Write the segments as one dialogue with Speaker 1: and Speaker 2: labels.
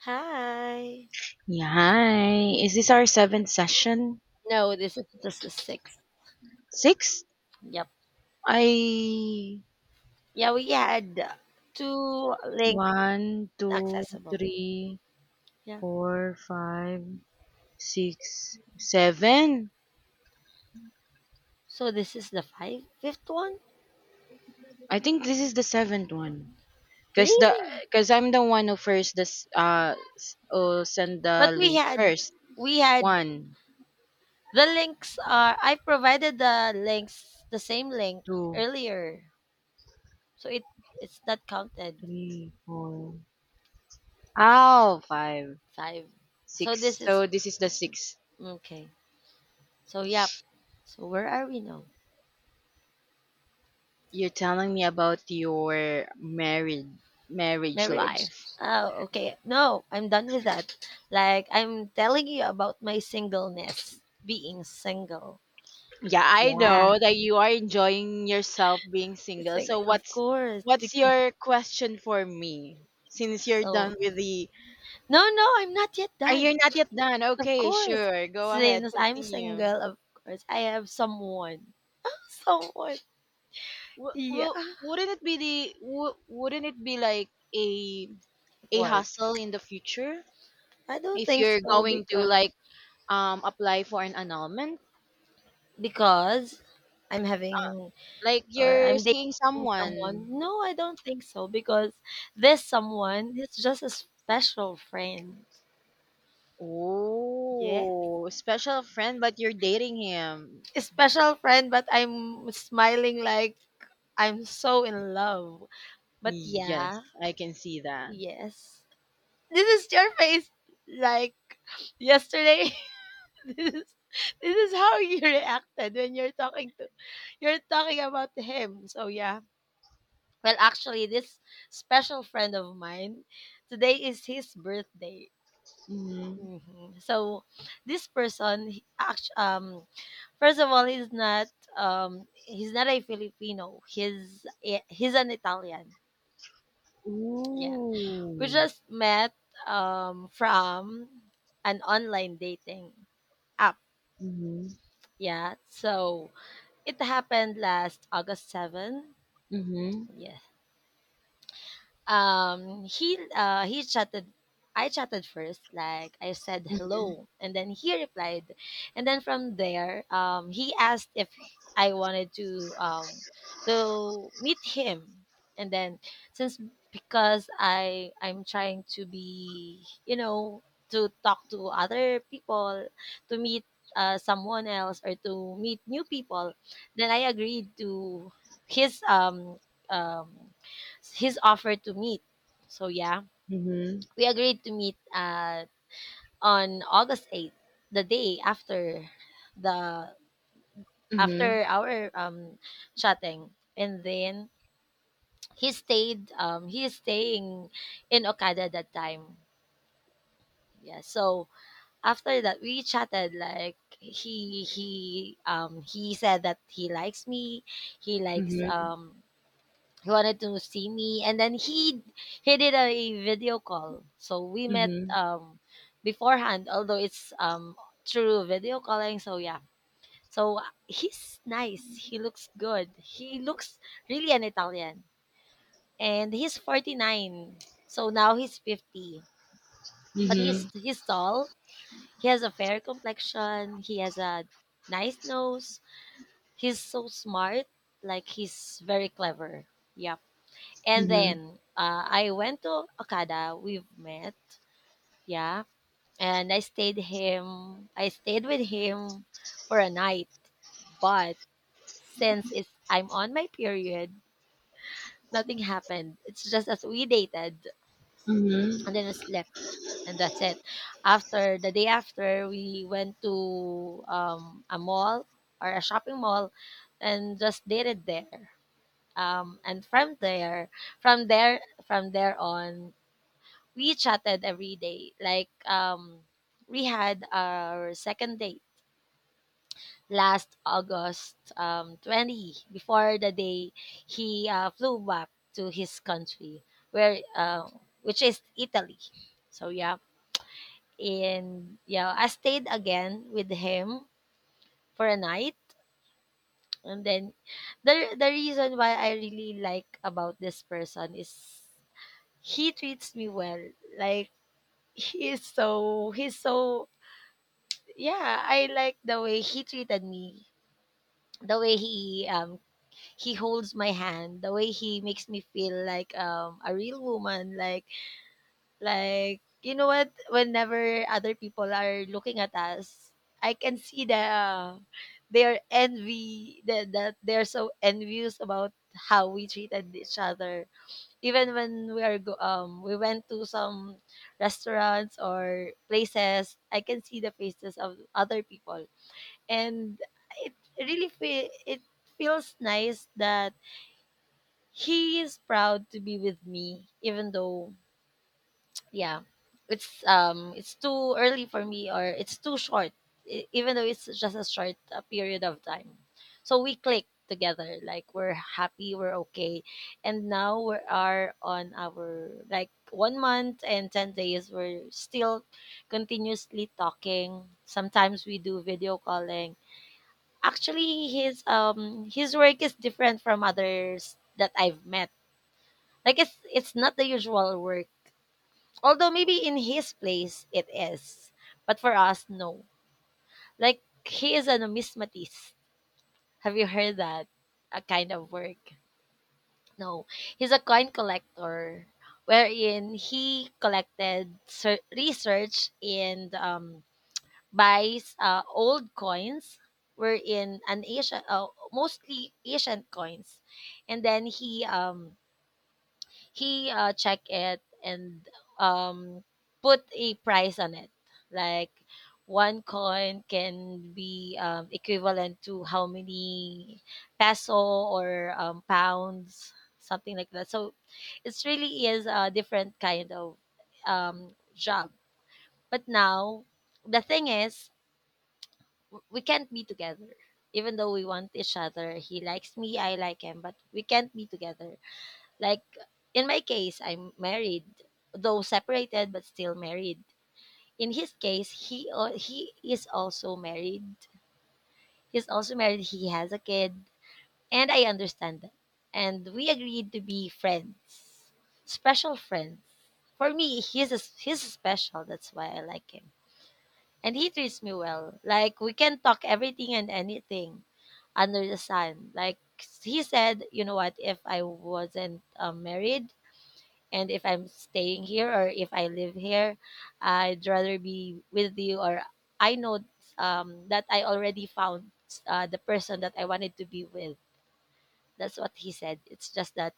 Speaker 1: Hi.
Speaker 2: Yeah, hi. Is this our seventh session?
Speaker 1: No, this is just the sixth.
Speaker 2: Six?
Speaker 1: Yep.
Speaker 2: I.
Speaker 1: Yeah, we had two links
Speaker 2: One, two,
Speaker 1: accessible.
Speaker 2: three,
Speaker 1: Yeah.
Speaker 2: four, five, six, seven.
Speaker 1: So this is the fifth one.
Speaker 2: I think this is the seventh one. Cause the
Speaker 1: Really?
Speaker 2: cause I'm the one who first this send the
Speaker 1: But we
Speaker 2: link
Speaker 1: had
Speaker 2: first.
Speaker 1: we had
Speaker 2: One,
Speaker 1: the links are I provided the links the same link
Speaker 2: two,
Speaker 1: earlier. So it's not counted
Speaker 2: three, four. Oh, five,
Speaker 1: five. So
Speaker 2: six.
Speaker 1: this is
Speaker 2: So this is the
Speaker 1: this
Speaker 2: sixth.
Speaker 1: okay. So yeah. So where are we now?
Speaker 2: You're telling me about your married marriage
Speaker 1: Marriage.
Speaker 2: life.
Speaker 1: Oh, okay. No, I'm done with that. Like I'm telling you about my singleness, being single.
Speaker 2: Yeah, I
Speaker 1: Yeah.
Speaker 2: know that you are enjoying yourself being
Speaker 1: It's
Speaker 2: single.
Speaker 1: like,
Speaker 2: So
Speaker 1: of course.
Speaker 2: what's
Speaker 1: Because,
Speaker 2: your question for me? Since you're
Speaker 1: so
Speaker 2: done with the...
Speaker 1: no, no, I'm not yet
Speaker 2: Are
Speaker 1: done.
Speaker 2: you not yet done?
Speaker 1: Of
Speaker 2: Okay,
Speaker 1: course,
Speaker 2: sure. Go ahead.
Speaker 1: since I'm
Speaker 2: Continue.
Speaker 1: single, of course I have someone. Someone.
Speaker 2: Well,
Speaker 1: Yeah.
Speaker 2: well wouldn't it be wouldn't it be like a a
Speaker 1: What?
Speaker 2: hassle in the future
Speaker 1: I don't
Speaker 2: if
Speaker 1: think
Speaker 2: you're
Speaker 1: so
Speaker 2: going to, like, apply for an annulment?
Speaker 1: because I'm
Speaker 2: Uh,
Speaker 1: having
Speaker 2: like
Speaker 1: or
Speaker 2: you're
Speaker 1: I'm
Speaker 2: seeing
Speaker 1: dating
Speaker 2: someone.
Speaker 1: someone. No, I don't think so because this someone is just a special friend. Yeah,
Speaker 2: Oh, special friend, but you're dating him.
Speaker 1: a special friend, but I'm smiling like I'm so in love. But
Speaker 2: Yes,
Speaker 1: yeah,
Speaker 2: I can see that.
Speaker 1: yes. This is your face like yesterday. this is this is how you reacted when you're talking about him. So yeah. Well, actually, this special friend of mine, today is his birthday.
Speaker 2: Mm-hmm.
Speaker 1: Mhm. So this person, first of all, he's not a Filipino. He's an Italian. Yeah, we
Speaker 2: Ooh.
Speaker 1: just met from an online dating app.
Speaker 2: Mm-hmm.
Speaker 1: Yeah, so it happened last August 7.
Speaker 2: Mm-hmm.
Speaker 1: He chatted I chatted first, like, I said
Speaker 2: Mm-hmm.
Speaker 1: hello, and then he replied. And then from there, he asked if I wanted to meet him. And then since because I'm trying to be, to talk to other people, to meet someone else or to meet new people. Then I agreed to his um um his offer to meet. So yeah,
Speaker 2: Mm-hmm.
Speaker 1: we agreed to meet on August 8th, the day the
Speaker 2: Mm-hmm.
Speaker 1: after our chatting. And then he is staying in Okada that time. Yeah. So after that we chatted, like, he said that he likes me. He likes
Speaker 2: Mm-hmm.
Speaker 1: um he wanted to see me, and then he did a video call, so we met
Speaker 2: Mm-hmm.
Speaker 1: beforehand, although it's through video calling. So yeah. So he's nice. He looks good. He looks really an Italian. And he's 49, so now he's 50. But he's tall. He has a fair complexion. He has a nice nose. He's so smart, like, he's very clever. Yeah. And
Speaker 2: Mm-hmm.
Speaker 1: then I went to Okada. We've met, yeah. And I stayed with him for a night. But since it's I'm on my period, nothing happened. It's just as we dated, and then
Speaker 2: Mm-hmm.
Speaker 1: I slept, and that's it. After, the day after, we went to a mall or a shopping mall, and just dated there. And from there, from there, on, we chatted every day. Like, we had our second date last August 20, before the day he flew back to his country, where which is Italy. So yeah, and yeah, I stayed again with him for a night, and then the reason why I really like about this person is he treats me well. Like, he's so yeah, I like the way he treated me, the way he holds my hand, the way he makes me feel like a real woman, like, you know what? Whenever other people are looking at us, I can see their envy that they're so envious about how we treated each other. Even when we went to some restaurants or places, I can see the faces of other people, and it it feels nice that he is proud to be with me, even though, yeah, it's too early for me, or it's too short. Even though it's just a short period of time, so we click together, like, we're happy, we're okay. And now we are on our, like, 1 month and 10 days, we're still continuously talking. Sometimes we do video calling. Actually, his work is different from others that I've met. Like, it's not the usual work. Although maybe in his place it is, but for us no. Like he is a numismatist. Have you heard that? A kind of work. No, he's a coin collector, wherein he collected research, and buys old coins, wherein an Asian, mostly Asian coins, and then he check it, and um put a price on it, like one coin can be equivalent to how many peso or pounds, something like that. So it's really is a different kind of job. But now the thing is we can't be together, even though we want each other. He likes me, I like him, but we can't be together. Like, in my case, I'm married, though separated, but still married. In his case, he is also married. He's also married, he has a kid, and I understand that. And we agreed to be friends, special friends. For me, he's special, that's why I like him. And he treats me well. Like, we can talk everything and anything under the sun. Like he said, you know what? If I wasn't married, and if I'm staying here, or if I live here, I'd rather be with you. Or I know that I already found the person that I wanted to be with. That's what he said. It's just that,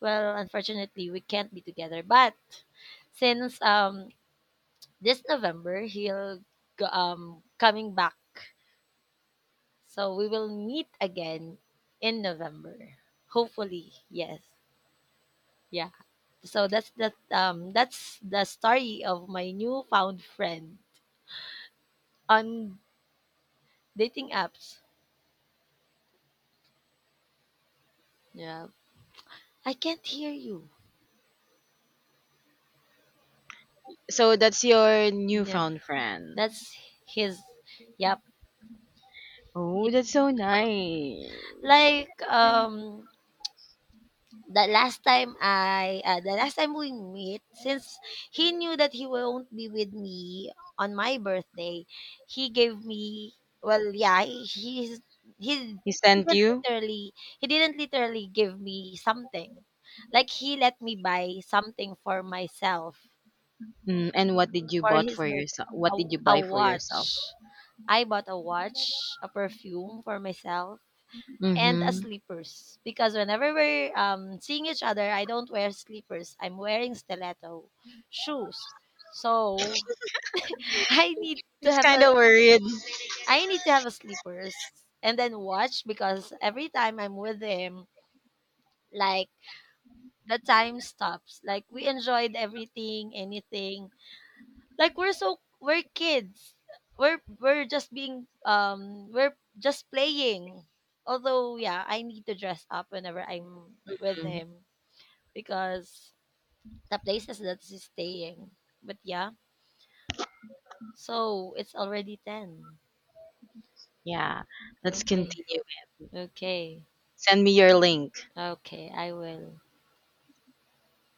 Speaker 1: well, unfortunately, we can't be together. But since this November, he'll coming back, so we will meet again in November. Hopefully, yes. Yeah. So that's the story of my newfound friend on dating apps. Yeah. I can't hear you.
Speaker 2: So that's your
Speaker 1: Yeah.
Speaker 2: newfound friend.
Speaker 1: That's his Yep.
Speaker 2: Oh, that's so nice.
Speaker 1: Like, the last time we meet, since he knew that he won't be with me on my birthday, he gave me well, yeah, he
Speaker 2: He sent
Speaker 1: didn't
Speaker 2: you?
Speaker 1: literally he didn't literally give me something, like, he let me buy something for myself
Speaker 2: Mm, and what did you
Speaker 1: for
Speaker 2: bought
Speaker 1: his
Speaker 2: for
Speaker 1: birthday,
Speaker 2: yourself? What
Speaker 1: a,
Speaker 2: did you
Speaker 1: a
Speaker 2: buy for yourself?
Speaker 1: watch. I bought a watch, a perfume for myself, and a
Speaker 2: Mm-hmm.
Speaker 1: sleepers, because whenever we're seeing each other, I don't wear sleepers. I'm wearing stiletto shoes. So I need to
Speaker 2: He's
Speaker 1: have
Speaker 2: kind
Speaker 1: a
Speaker 2: of worried.
Speaker 1: I need to have a sleepers, and then watch, because every time I'm with him, like, the time stops. Like, we enjoyed everything, anything. Like, we're kids. We're just playing. Although, yeah, I need to dress up whenever I'm with him, because the places that she's staying. But yeah, so it's already 10.
Speaker 2: Yeah, let's
Speaker 1: Okay,
Speaker 2: continue.
Speaker 1: okay,
Speaker 2: Send me your link.
Speaker 1: okay, I will.